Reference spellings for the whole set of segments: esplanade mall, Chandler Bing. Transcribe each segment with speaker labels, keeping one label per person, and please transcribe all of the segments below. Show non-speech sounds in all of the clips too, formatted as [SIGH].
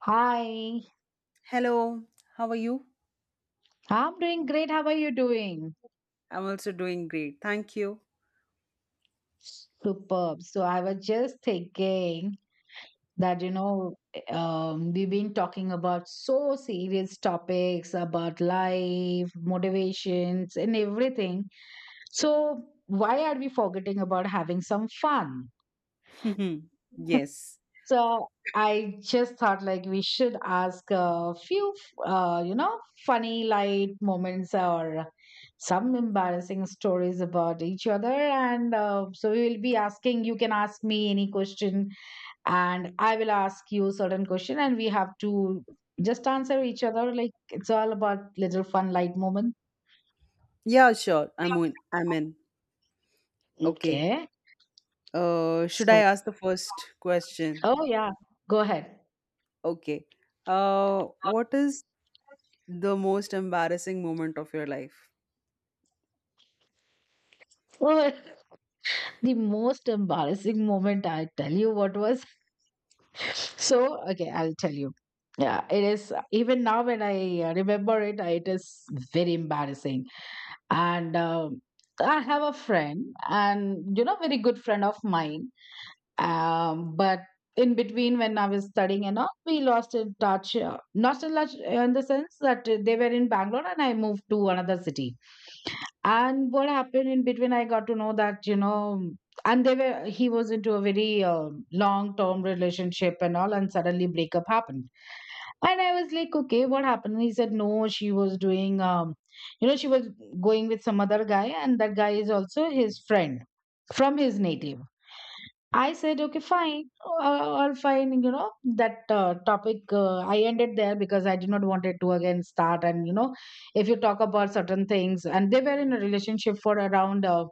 Speaker 1: Hi,
Speaker 2: Hello, how are you?
Speaker 1: I'm doing great. How are you doing?
Speaker 2: I'm also doing great. Thank you.
Speaker 1: Superb. So I was just thinking that, we've been talking about so serious topics about life, motivations, and everything. So why are we forgetting about having some fun?
Speaker 2: [LAUGHS] Yes.
Speaker 1: So I just thought like we should ask a few, uh, you know, funny light moments or some embarrassing stories about each other. And so we will be asking. You can ask me any question, and I will ask you certain question, and we have to just answer each other. Like, it's all about little fun light moment.
Speaker 2: Yeah, sure. I'm in. I'm in. Okay.
Speaker 1: Okay.
Speaker 2: Should I
Speaker 1: So,
Speaker 2: ask the first question?
Speaker 1: oh yeah, go ahead.
Speaker 2: Okay. What is the most embarrassing moment of your life?
Speaker 1: Oh, [LAUGHS] the most embarrassing moment, I tell you what was So, okay, I'll tell you. Yeah, it is. Even now, when I remember it, it is very embarrassing. And I have a friend, very good friend of mine, but in between, when I was studying and all, we lost in touch, not in touch, in the sense that they were in Bangalore, and I moved to another city. And what happened in between, I got to know that, you know and they were he was into a very long term relationship and all, and suddenly breakup happened. And I was like, okay, what happened? He said no, she was you know she was going with some other guy, and that guy is also his friend from his native. I said, okay, fine, all fine. That topic, I ended there because I did not want it to again start. And if you talk about certain things, and they were in a relationship for around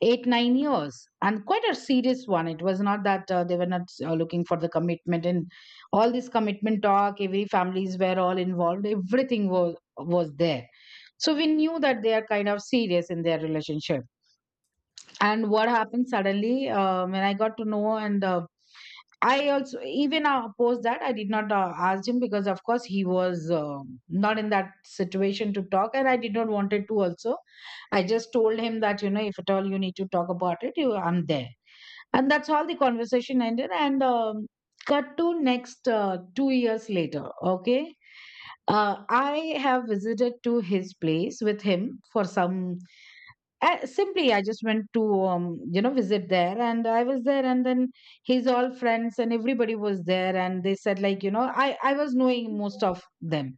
Speaker 1: 8, 9 years, and quite a serious one. It was not that they were not looking for the commitment. And all this commitment talk, every families were all involved, everything was there. So we knew that they are kind of serious in their relationship, and what happened suddenly, when I got to know, and I also, even post that, I did not ask him, because of course he was not in that situation to talk, and I did not wanted to also. I just told him that, if at all you need to talk about it, you I'm there. And that's how the conversation ended. And cut to next 2 years later. Okay. I have visited to his place with him for some. I simply, I just went to visit there. And I was there, and then his all friends and everybody was there, and they said like, I was knowing most of them.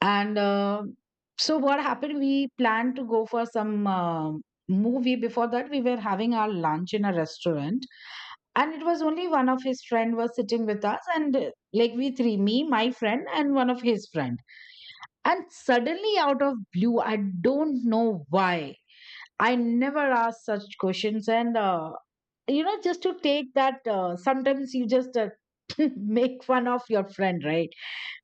Speaker 1: And so what happened, we planned to go for some, movie. Before that, we were having our lunch in a restaurant, and it was only one of his friend was sitting with us. And like, we three, me, my friend, and one of his friend. And suddenly, out of blue, I don't know why. I never ask such questions, just to take that. Sometimes you just [LAUGHS] make fun of your friend, right?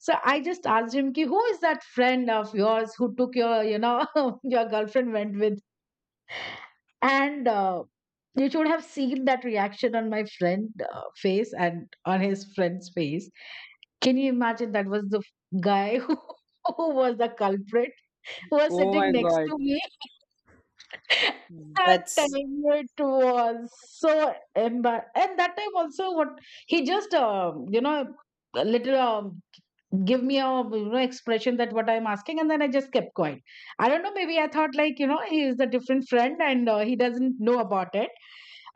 Speaker 1: So I just asked him, "Ki, who is that friend of yours who took your, [LAUGHS] your girlfriend went with?" And you should have seen that reaction on my friend face and on his friend's face. Can you imagine? That was the guy [LAUGHS] who was the culprit, who was
Speaker 2: Oh
Speaker 1: sitting
Speaker 2: my
Speaker 1: next
Speaker 2: God.
Speaker 1: to me. That time,
Speaker 2: That's
Speaker 1: it was so embar and that time also what he just, a little, give me a, expression, that what I'm asking. And then I just kept quiet. I don't know, maybe I thought like, he is a different friend and he doesn't know about it.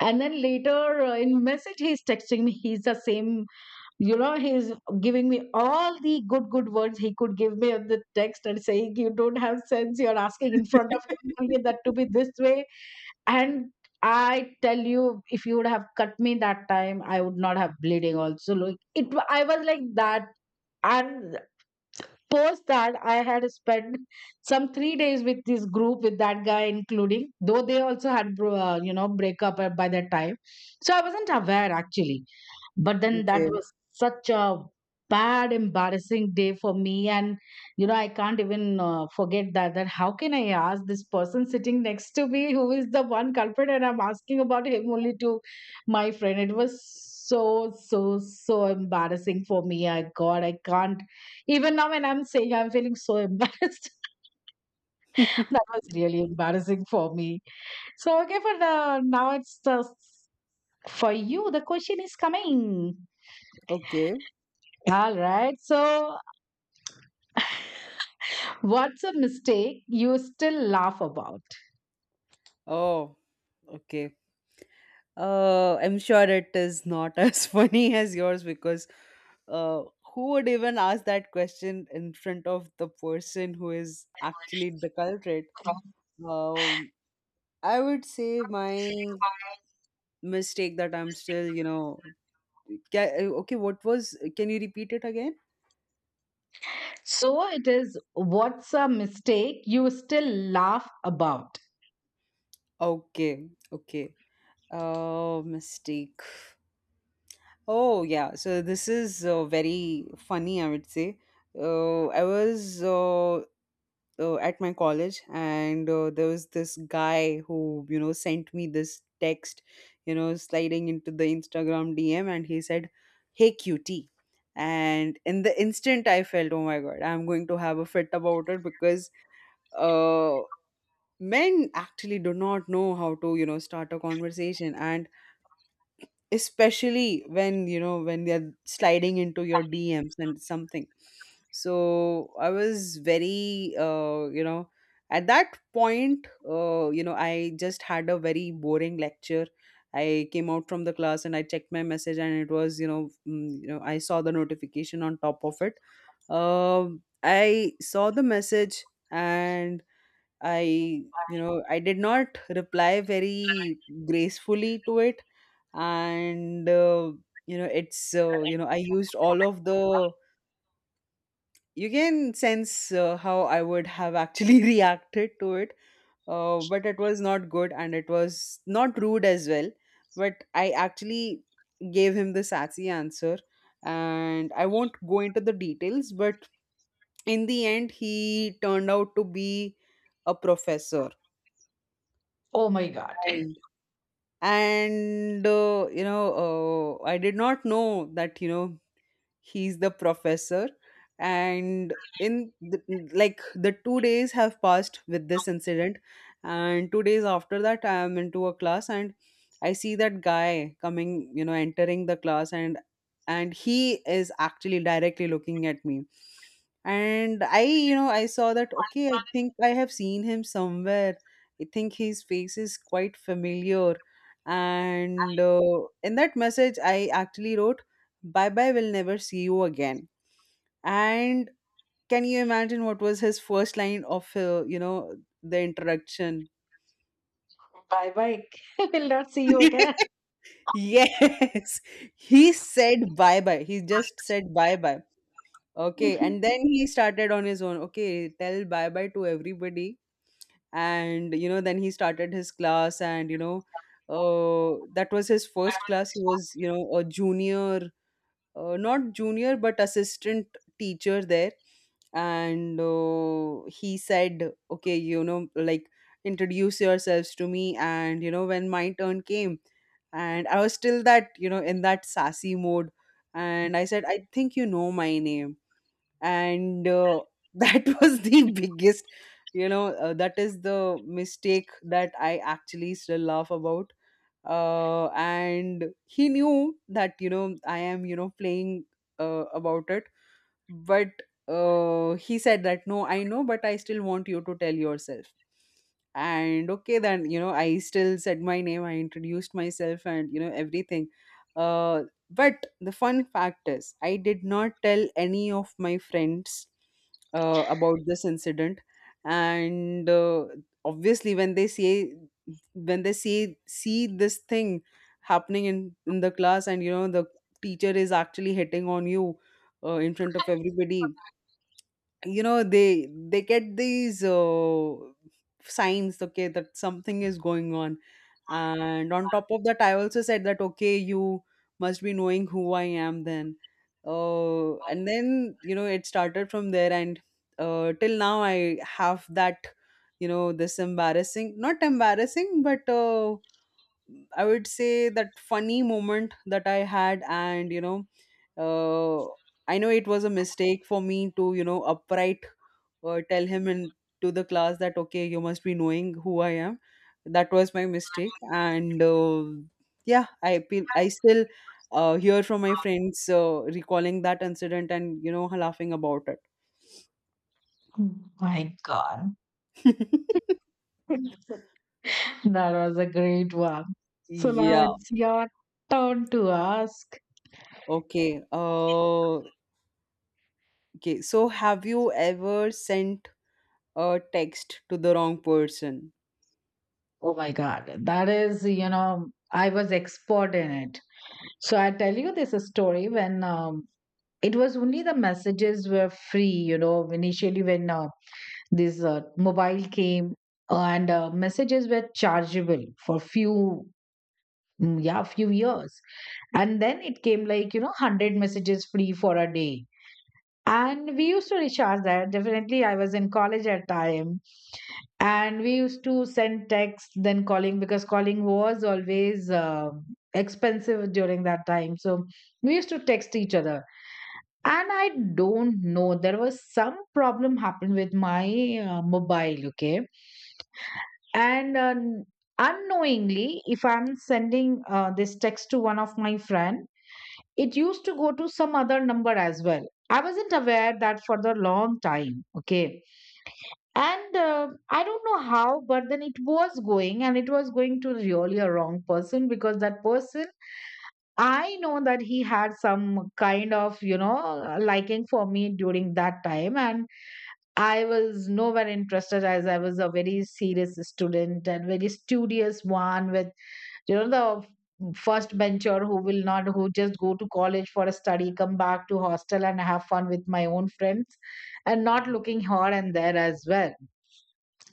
Speaker 1: And then later, in message, he's texting me. He's the same, he's giving me all the good good words he could give me on the text, and saying, you don't have sense, you're asking in front of him only, that to be this way. And I tell you, if you would have cut me that time, I would not have bleeding also. I was like that. And post that, I had spent some 3 days with this group, with that guy including, though they also had, breakup by that time. So I wasn't aware actually. But then
Speaker 2: okay.
Speaker 1: that was
Speaker 2: [LAUGHS]
Speaker 1: such a bad embarrassing day for me, and I can't even forget that, that how can I ask this person sitting next to me, who is the one culprit, and I'm asking about him only to my friend. It was so so so embarrassing for me. I, god, I can't. Even now, when I'm saying, I'm feeling so embarrassed. [LAUGHS] That was really embarrassing for me. So, okay, for the now it's the for you, the question is coming.
Speaker 2: Okay.
Speaker 1: All right. So, what's a mistake you still laugh about?
Speaker 2: Oh, okay. I'm sure it is not [LAUGHS] as funny as yours because uh, who would even ask that question in front of the person who is actually the culprit? Um, I would say my mistake that I'm still, ca- okay, what was, can you repeat it again?
Speaker 1: So, it is, what's a mistake you still laugh about?
Speaker 2: Okay, okay. Mistake. Oh, yeah. So this is very funny, I would say. I was at my college and there was this guy who, you know, sent me this text, you know, sliding into the Instagram DM, and he said, "Hey cutie." And in the instant I felt, "Oh my God, I'm going to have a fit about it." Because uh men actually do not know how to, you know, start a conversation, and especially when, you know, when they're sliding into your DMs and something. So I was very you know, at that point you know, I just had a very boring lecture. I came out from the class and I checked my message, and it was, you know, you know, I saw the notification on top of it. I saw the message, and I, you know, I did not reply very gracefully to it. And, you know, it's, you know, I used all of the, you can sense how I would have actually [LAUGHS] reacted to it. But it was not good, and it was not rude as well. But I actually gave him the sassy answer. And I won't go into the details, but in the end, he turned out to be a professor.
Speaker 1: Oh my god.
Speaker 2: And you know, I did not know that, you know, he's the professor. And in the, like, the 2 days have passed with this incident, and 2 days after that, I am into a class, and I see that guy coming, you know, entering the class, and he is actually directly looking at me. And I, you know, I saw that, okay, I think I have seen him somewhere. I think his face is quite familiar. And in that message I actually wrote, "Bye bye, we'll never see you again." And can you imagine what was his first line of you know, the introduction?
Speaker 1: Bye bye. [LAUGHS] I will not see you
Speaker 2: [LAUGHS]
Speaker 1: again.
Speaker 2: Yes, he said, "Bye bye." He just said, "Bye bye." Okay. And then he started on his own, okay, "Tell bye bye to everybody." And, you know, then he started his class, and you know, that was his first class. He was, you know, a junior, not junior but assistant teacher there. And he said, okay, you know, like, "Introduce yourselves to me." And, you know, when my turn came, and I was still that, you know, in that sassy mode, and I said, "I think you know my name." And [LAUGHS] that was the biggest, you know, that is the mistake that I actually still laugh about. And he knew that, you know, I am, you know, playing about it. But he said that, "No, I know, but I still want you to tell yourself." And okay, then, you know, I still said my name, I introduced myself, and you know, everything. uh, but the fun fact is, I did not tell any of my friends about this incident. And obviously when they see when they see this thing happening in the class, and you know, the teacher is actually hitting on you in front of everybody, you know, they get these signs, okay, that something is going on. And on top of that I also said that, "Okay, you must be knowing who I am then." And then, you know, it started from there. And till now I have that, you know, this embarrassing, not embarrassing, but I would say that funny moment that I had. And you know, uh, I know it was a mistake for me to, you know, upright tell him in to the class that, okay, you must be knowing who I am. That was my mistake. And yeah, I feel I still hear from my friends recalling that incident and, you know, laughing about it.
Speaker 1: My god.
Speaker 2: [LAUGHS]
Speaker 1: That was a great one. So now
Speaker 2: Yeah,
Speaker 1: it's your turn to ask.
Speaker 2: okay. Okay. So have you ever sent a text to the wrong person?
Speaker 1: Oh my god. That is, I was expert in it. So I tell you this story, when it was only the messages were free, initially, when this mobile came, and messages were chargeable for few, yeah, few years. And then it came like, 100 messages free for a day, and we used to recharge that definitely. I was in college at time, and we used to send texts then calling, because calling was always expensive during that time. So we used to text each other. And I don't know, there was some problem happened with my mobile, okay. And unknowingly, if I'm sending this text to one of my friend, it used to go to some other number as well. I wasn't aware that for the long time. Okay. And I don't know how, but then it was going, and it was going to really a wrong person, because that person, I know that he had some kind of, liking for me during that time, and I was nowhere interested, as I was a very serious student and very studious one, with, the first bencher, who will not who just go to college for a study, come back to hostel and have fun with my own friends, and not looking here and there as well.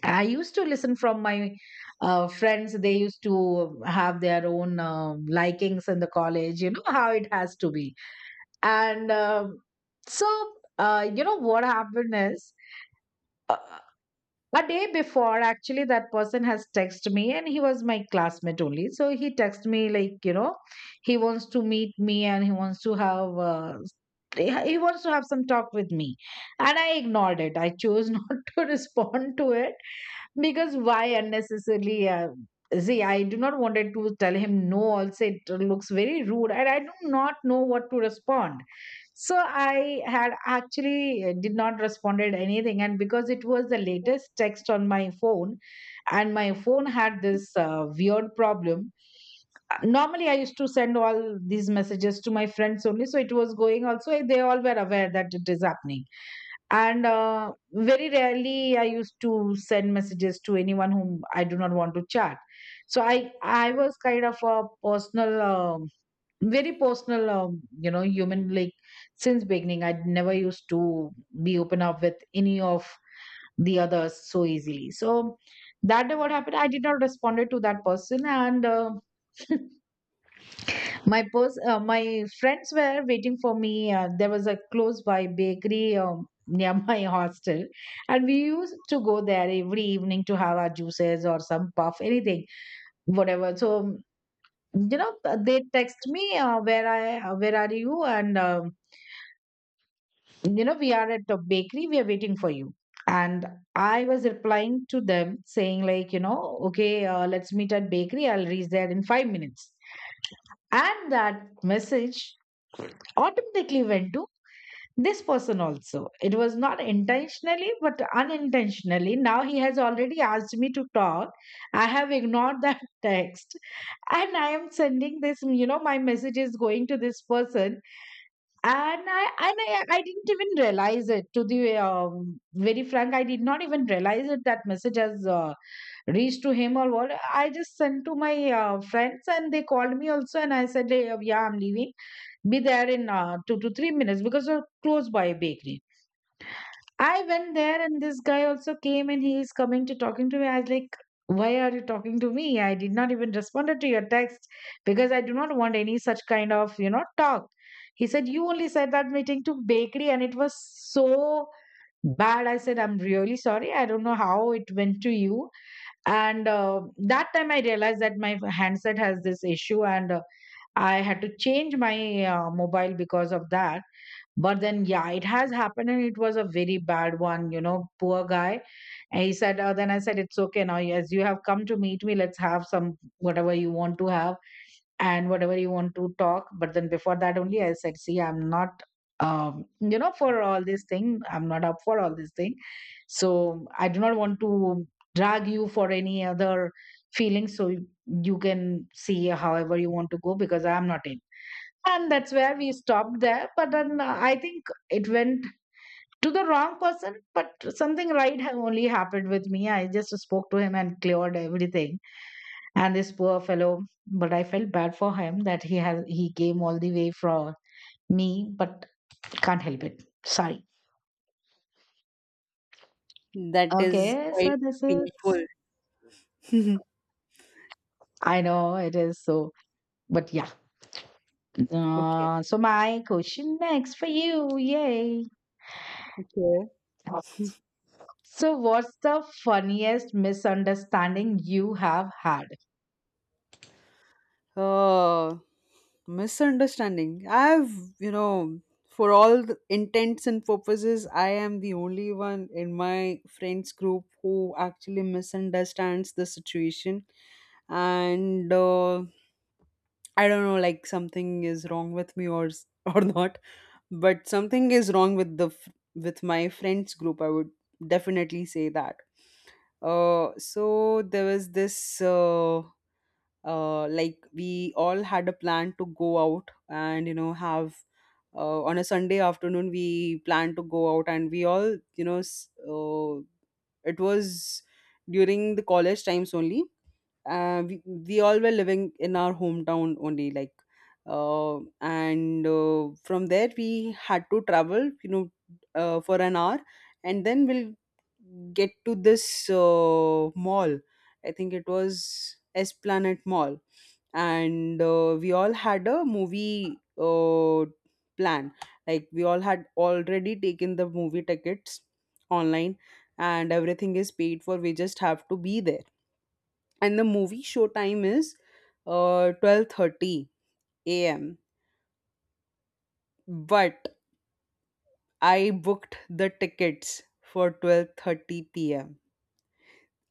Speaker 1: I used to listen from my friends. They used to have their own likings in the college. You know how it has to be. And so, you know what happened is, uh, a day before actually, that person has texted me. And he was my classmate only, so he texted me like, he wants to meet me, and he wants to have he wants to have some talk with me. And I ignored it. I chose [LAUGHS] not to respond to it, because why unnecessarily, see, I do not wanted to tell him no also, it looks very rude, and I do not know what to respond. So I had actually did not responded anything, and because it was the latest text on my phone, and my phone had this weird problem. Normally, I used to send all these messages to my friends only, so it was going also. They all were aware that it is happening, and very rarely I used to send messages to anyone whom I do not want to chat. So I was kind of a personal. Very personal, human. Like, since beginning, I never used to be open up with any of the others so easily. So that day, what happened, I did not respond to that person. And [LAUGHS] my friends were waiting for me. There was a close by bakery, near [LAUGHS] my hostel, and we used to go there every evening to have our juices or some puff, anything whatever. So, you know they text me, where are you, and, we are at a bakery, we are waiting for you. And I was replying to them, saying, like, okay, let's meet at bakery, I'll reach there in 5 minutes. And that message automatically went to this person also. It was not intentionally, but unintentionally. Now he has already asked me to talk. I have ignored that [LAUGHS] text. And I am sending this, my message is going to this person and I didn't even realize it. To the very frank, I did not even realize it that message has reached to him or what. I just sent to my friends and they called me also, and I said, "Hey, yeah, I'm leaving. Be there in 2 to 3 minutes because we're close by a bakery." I went there and this guy also came and he is coming to talking to me. I was like, why are you talking to me? I did not even responded to your text because I do not want any such kind of, talk. He said, you only said that meeting to bakery and it was so bad. I said, I'm really sorry. I don't know how it went to you. And That time I realized that my handset has this issue and I had to change my mobile because of that, but then, yeah, it has happened and it was a very bad one, poor guy. And he said, then I said, it's okay now. Yes, you have come to meet me. Let's have some whatever you want to have and whatever you want to talk. But then before that only, I said, see, I'm not, for all this thing. I'm not up for all this thing. So I do not want to drag you for any other feelings. So you can see however you want to go because I'm not in, and that's where we stopped there, but then I think it went to the wrong person, but something right only happened with me. I just spoke to him and cleared everything, and this poor fellow, but I felt bad for him that he came all the way from me, but can't help it. Sorry.
Speaker 2: That is
Speaker 1: Okay, so
Speaker 2: quite
Speaker 1: this is,
Speaker 2: painful. [LAUGHS]
Speaker 1: I know it is so, but yeah,
Speaker 2: Okay.
Speaker 1: so my question next for you. Yay.
Speaker 2: Okay.
Speaker 1: So, what's the funniest misunderstanding you have had?
Speaker 2: Uh, Misunderstanding. I've, you know, for all the intents and purposes, I am the only one in my friends group who actually misunderstands the situation. And I don't know, like, something is wrong with me or [LAUGHS] or not, but something is wrong with the with my friends group, I would definitely say that. So there was this, like, we all had a plan to go out and, you know, have on a Sunday afternoon. We planned to go out and we all, you know, it was during the college times only. We all were living in our hometown only, like, and from there we had to travel, you know, for an hour, and then we'll get to this mall. I think it was Esplanade Mall. And we all had a movie plan. Like, we all had already taken the movie tickets online, and everything is paid for, we just have to be there. And the movie show time is 12:30 a.m. But I booked the tickets for 12:30 p.m.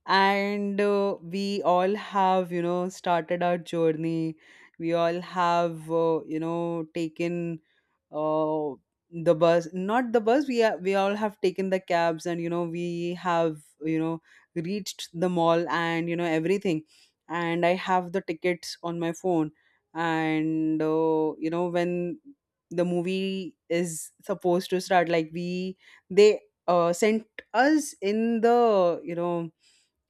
Speaker 2: And we all have, you know, started our journey. We all have you know taken uh, the bus not the bus we are, we all have taken the cabs, and you know, we have, you know, reached the mall, and you know, everything. And I have the tickets on my phone. And you know, when the movie is supposed to start, like, we they sent us in the, you know,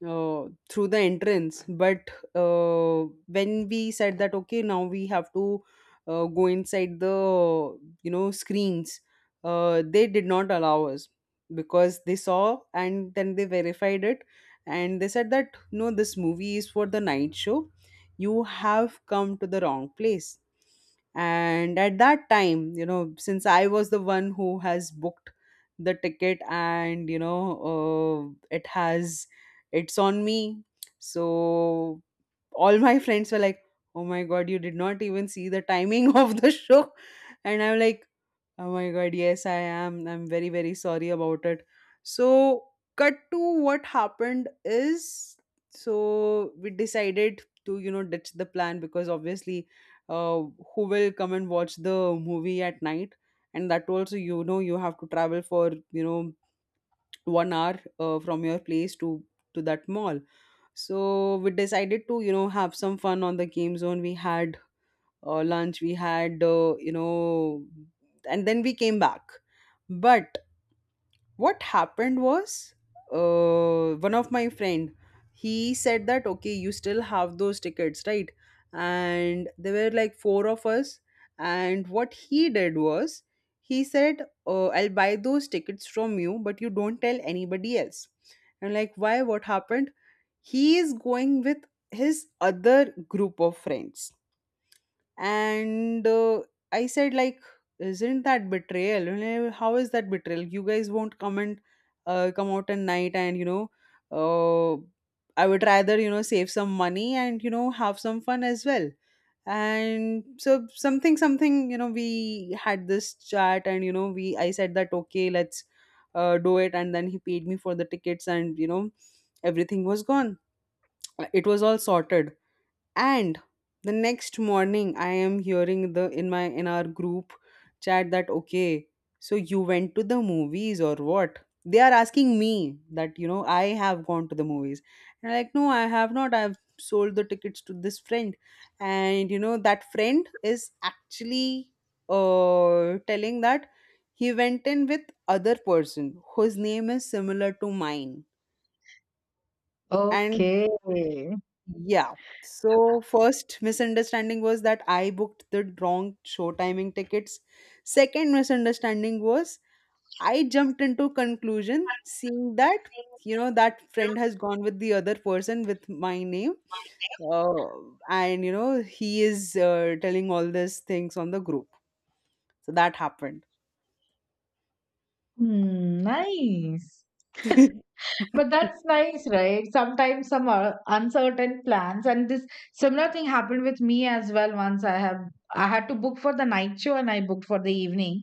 Speaker 2: uh, through the entrance. But when we said that, okay, now we have to go inside the, you know, screens, they did not allow us, because they saw and then they verified it, and they said that, "No, this movie is for the night show. You have come to the wrong place." And at that time, you know, since I was the one who has booked the ticket, and you know, it has, it's on me. So all my friends were like, "Oh my god, you did not even see the timing [LAUGHS] of the show." And I'm like, "Oh my god, yes, I am, I'm very very sorry about it." So cut to what happened is, so we decided to, you know, ditch the plan, because obviously, uh, who will come and watch the movie at night? And that also, you know, you have to travel for, you know, 1 hour from your place to that mall. So we decided to, you know, have some fun on the game zone. We had lunch, we had, you know, and then we came back. But what happened was, one of my friend, he said that, "Okay, you still have those tickets, right?" And there were like four of us. And what he did was, he said, "I'll buy those tickets from you, but you don't tell anybody else." And, like, why, what happened? He is going with his other group of friends. And I said, like, isn't that betrayal? You know, how is that betrayal? You guys won't come, and come out at night, and you know, uh, I would rather, you know, save some money and, you know, have some fun as well. And so, something something, you know, we had this chat, and you know, we I said that, okay, let's do it. And then he paid me for the tickets, and you know, everything was gone, it was all sorted. And the next morning I am hearing the in my in our group chat that, okay, so you went to the movies or what? They are asking me that, you know, I have gone to the movies. And I'm like, no, I have not, I've sold the tickets to this friend. And you know, that friend is actually telling that he went in with other person whose name is similar to mine. And
Speaker 1: Okay.
Speaker 2: yeah. So first misunderstanding was that I booked the wrong show timing tickets. Second misunderstanding was I jumped into conclusion seeing that, you know, that friend has gone with the other person with my name. Uh, and you know he is telling all these things on the group. So that happened.
Speaker 1: Hmm, nice. But
Speaker 2: [LAUGHS]
Speaker 1: that's nice, right? Sometimes some are uncertain plans, and this similar thing happened with me as well. Once I had to book for the night show, and I booked for the evening.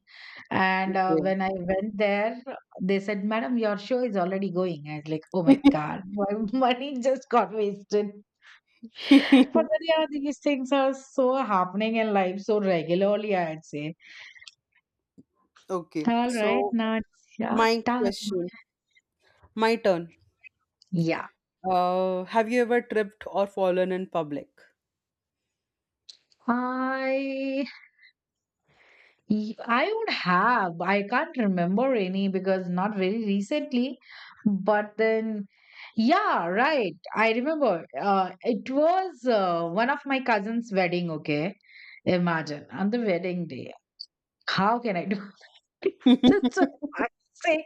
Speaker 1: And
Speaker 2: Okay.
Speaker 1: When I went there, they said, "Madam, your show is already going." I was like, "Oh my God, my [LAUGHS] money just got wasted." But then,
Speaker 2: [LAUGHS]
Speaker 1: yeah, these things are so happening in life so regularly, I'd say.
Speaker 2: Okay.
Speaker 1: All right,
Speaker 2: So my
Speaker 1: Nachata.
Speaker 2: question, my turn.
Speaker 1: Yeah.
Speaker 2: Have you ever tripped or fallen in public?
Speaker 1: I I would have. I can't remember any because not very recently. But then, yeah, right. I remember. It was one of my cousin's wedding. Okay, imagine on the wedding day. How can I do? [LAUGHS] So I
Speaker 2: [LAUGHS]
Speaker 1: say.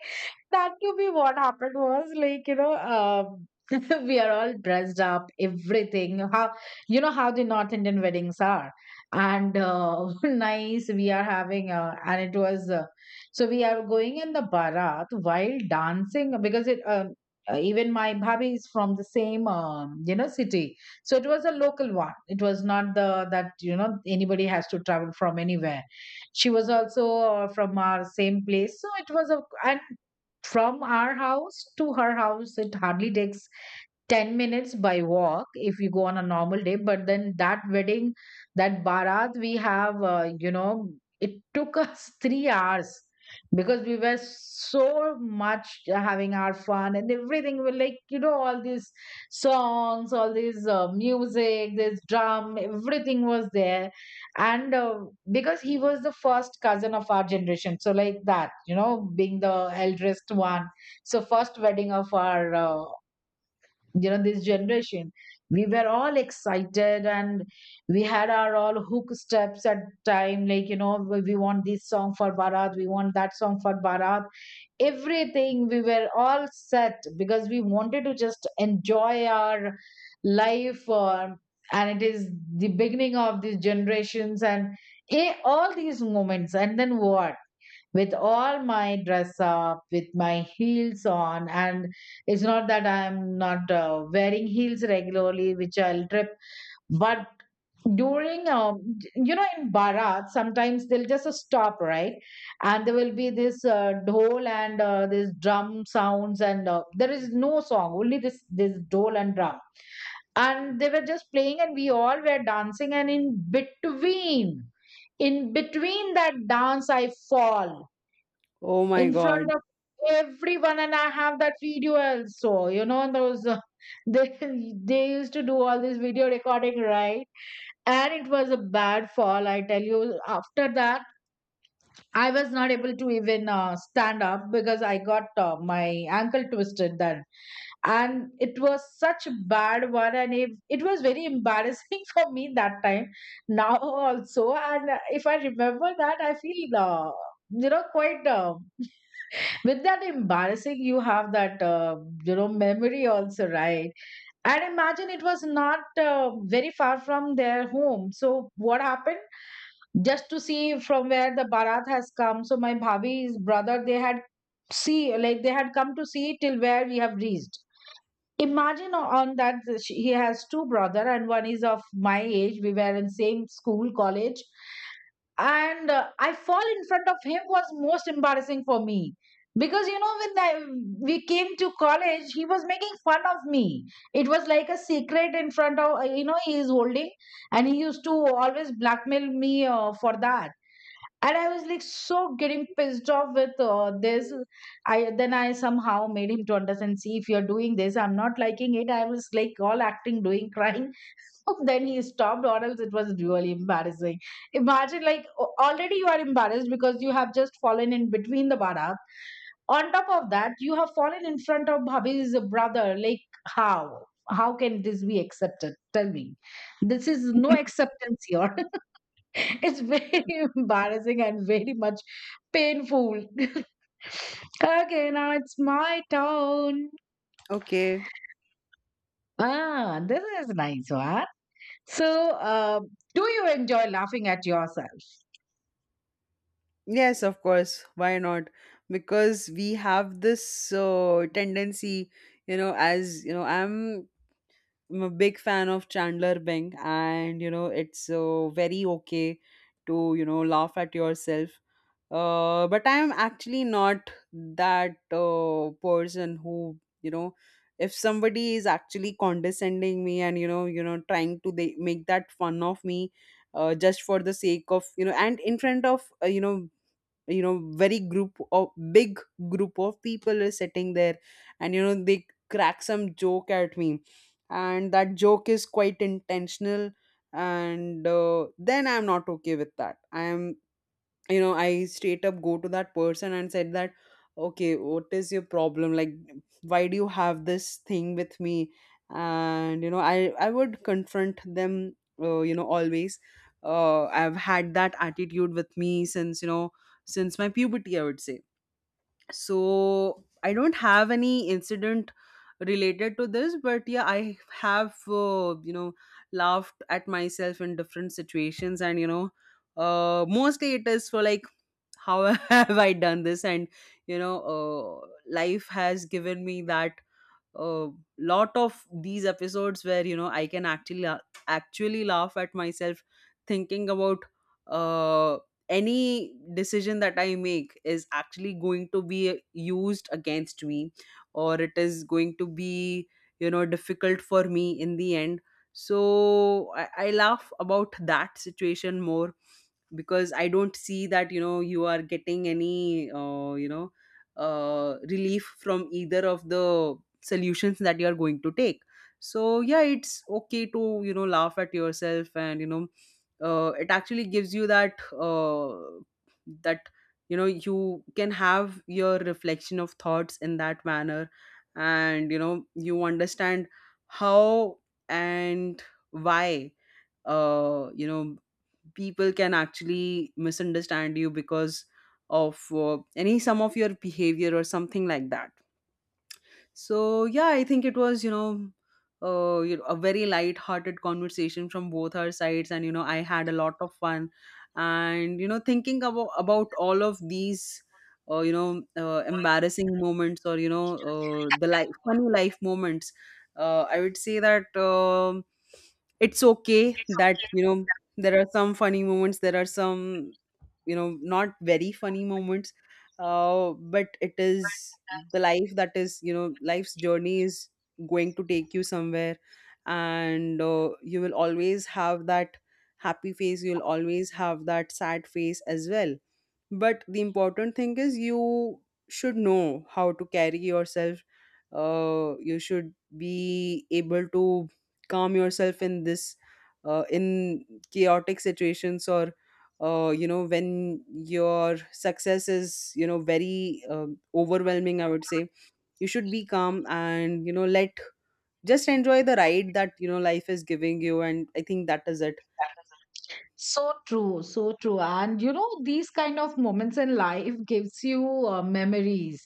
Speaker 1: That to be what happened was like, [LAUGHS] we are all dressed up, everything. How you know how the North Indian weddings are, and [LAUGHS] nice. We are having, and it was so we are going in the barat while dancing because it. Even my bhabhi is from the same you know city, so it was a local one. It was not the that you know anybody has to travel from anywhere. She was also from our same place. So it was a, and from our house to her house, it hardly takes 10 minutes by walk if we go on a normal day, but then that wedding, that barat we have you know, it took us [LAUGHS] 3 hours because we were so much having our fun and everything. We, like, you know, all these songs, all these music, this drum, everything was there. And Because he was the first cousin of our generation, so like that, you know, being the eldest one, so first wedding of our you know, this generation, we were all excited. And we had our all hook steps at time, like, you know, we want this song for barat, we want that song for barat. Everything we were all set because we wanted to just enjoy our life, and it is the beginning of these generations and all these moments. And then what, with all my dress up, with my heels on. And it's not that I'm not wearing heels regularly, which I'll trip. But during, you know, in Bharat, sometimes they'll just stop, right? And there will be this dhol and this drum sounds, and there is no song, only this dhol and drum. And they were just playing, and we all were dancing, and in between that dance I fall
Speaker 2: Oh my
Speaker 1: in front
Speaker 2: God.
Speaker 1: of everyone. And I have that video also, you know, those [LAUGHS] they they used to do all this video recording, right? And it was a bad fall, I tell you. After that, I was not able to even stand up because I got my ankle twisted then, and it was such a bad one, and it was very embarrassing [LAUGHS] for me that time, now also. And if I remember that, I feel you know, quite with that embarrassing, you have that you know, memory also, right? And imagine it was not very far from their home, so what happened, just to see from where the barat has come, so my bhabi's brother, they had, see, like, they had come to see till where we have reached. Imagine on that he has two brother, and one is of my age. We were in same school college, and I fall in front of him was most embarrassing for me, because you know when I, we came to college, he was making fun of me. It was like a secret in front of you know, he is holding, and he used to always blackmail me for that. And I was like so getting pissed off with this. I somehow made him to understand, see, if you're doing this I'm not liking it. I was like all acting doing crying. [LAUGHS] Then he stopped, or else it was really embarrassing. Imagine like already you are embarrassed because you have just fallen in between the bara. On top of that, you have fallen in front of bhabhi's brother, like, how can this be accepted, tell me. This is no
Speaker 2: [LAUGHS]
Speaker 1: acceptance here. [LAUGHS] It's very [LAUGHS] embarrassing and very much painful. [LAUGHS] Okay, now it's my turn.
Speaker 2: Okay.
Speaker 1: Ah, this is nice one. So, do you enjoy laughing at yourself?
Speaker 2: Yes, of course. Why not? Because we have this tendency, you know, as you know, I'm a big fan of Chandler Bing, and you know, it's very okay to, you know, laugh at yourself. But I'm actually not that person who you know if somebody is actually condescending me and you know trying to they make that fun of me just for the sake of you know and in front of you know very group of big group of people is sitting there, and you know they crack some joke at me, and that joke is quite intentional. And then I'm not okay with that. I am, you know, I straight up go to that person and said that, okay, what is your problem? Like, why do you have this thing with me? And you know I would confront them, you know, always. Uh, I've had that attitude with me since you know since my puberty, I would say. So I don't have any incident related to this, but yeah, I have, you know, laughed at myself in different situations. And you know, uh, mostly it is for like how [LAUGHS] have I done this. And you know, life has given me that a lot of these episodes where you know I can actually laugh at myself, thinking about uh, any decision that I make is actually going to be used against me, or it is going to be, you know, difficult for me in the end. So I laugh about that situation more because I don't see that, you know, you are getting any, you know, relief from either of the solutions that you are going to take. So yeah, it's okay to, you know, laugh at yourself. And you know, it actually gives you that, that you know, you can have your reflection of thoughts in that manner. And you know, you understand how and why, you know, people can actually misunderstand you because of any sum of your behavior or something like that. So yeah, I think it was, you know, a very light-hearted conversation from both our sides, and you know I had a lot of fun, and you know thinking about all of these. Embarrassing moments, or you know, the life, funny life moments. I would say that it's okay that, you know, there are some funny moments, there are some, you know, not very funny moments. But it is the life that is, you know, life's journey is going to take you somewhere. And you will always have that happy face, you'll always have that sad face as well. But the important thing is you should know how to carry yourself. You should be able to calm yourself in this, in chaotic situations, or you know, when your success is, you know, very overwhelming, I would say, you should be calm, and you know, let just enjoy the ride that you know life is giving you. And I think that is it.
Speaker 1: So true, so true. And you know, these kind of moments in life gives you memories.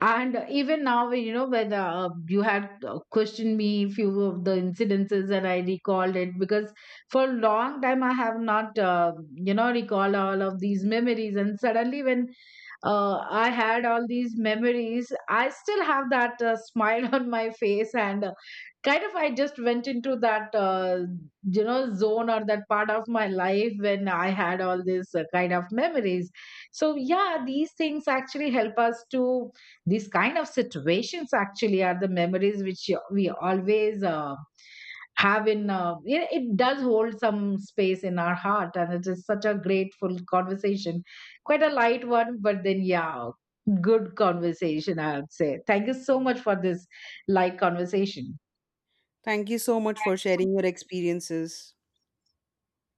Speaker 1: And even now, when, you know, when you had questioned me few of the incidences, and I recalled it, because for a long time I have not, you know, recall all of these memories. And suddenly when I had all these memories, I still have that smile [LAUGHS] on my face, and kind of I just went into that you know, zone or that part of my life when I had all this kind of memories. So yeah, these things actually help us to, these kind of situations actually are the memories which we always have in it, it does hold some space in our heart. And it is such a grateful conversation, quite a light one, but then yeah, good conversation, I would say. Thank you so much for this light conversation.
Speaker 2: Thank you so much for sharing your experiences.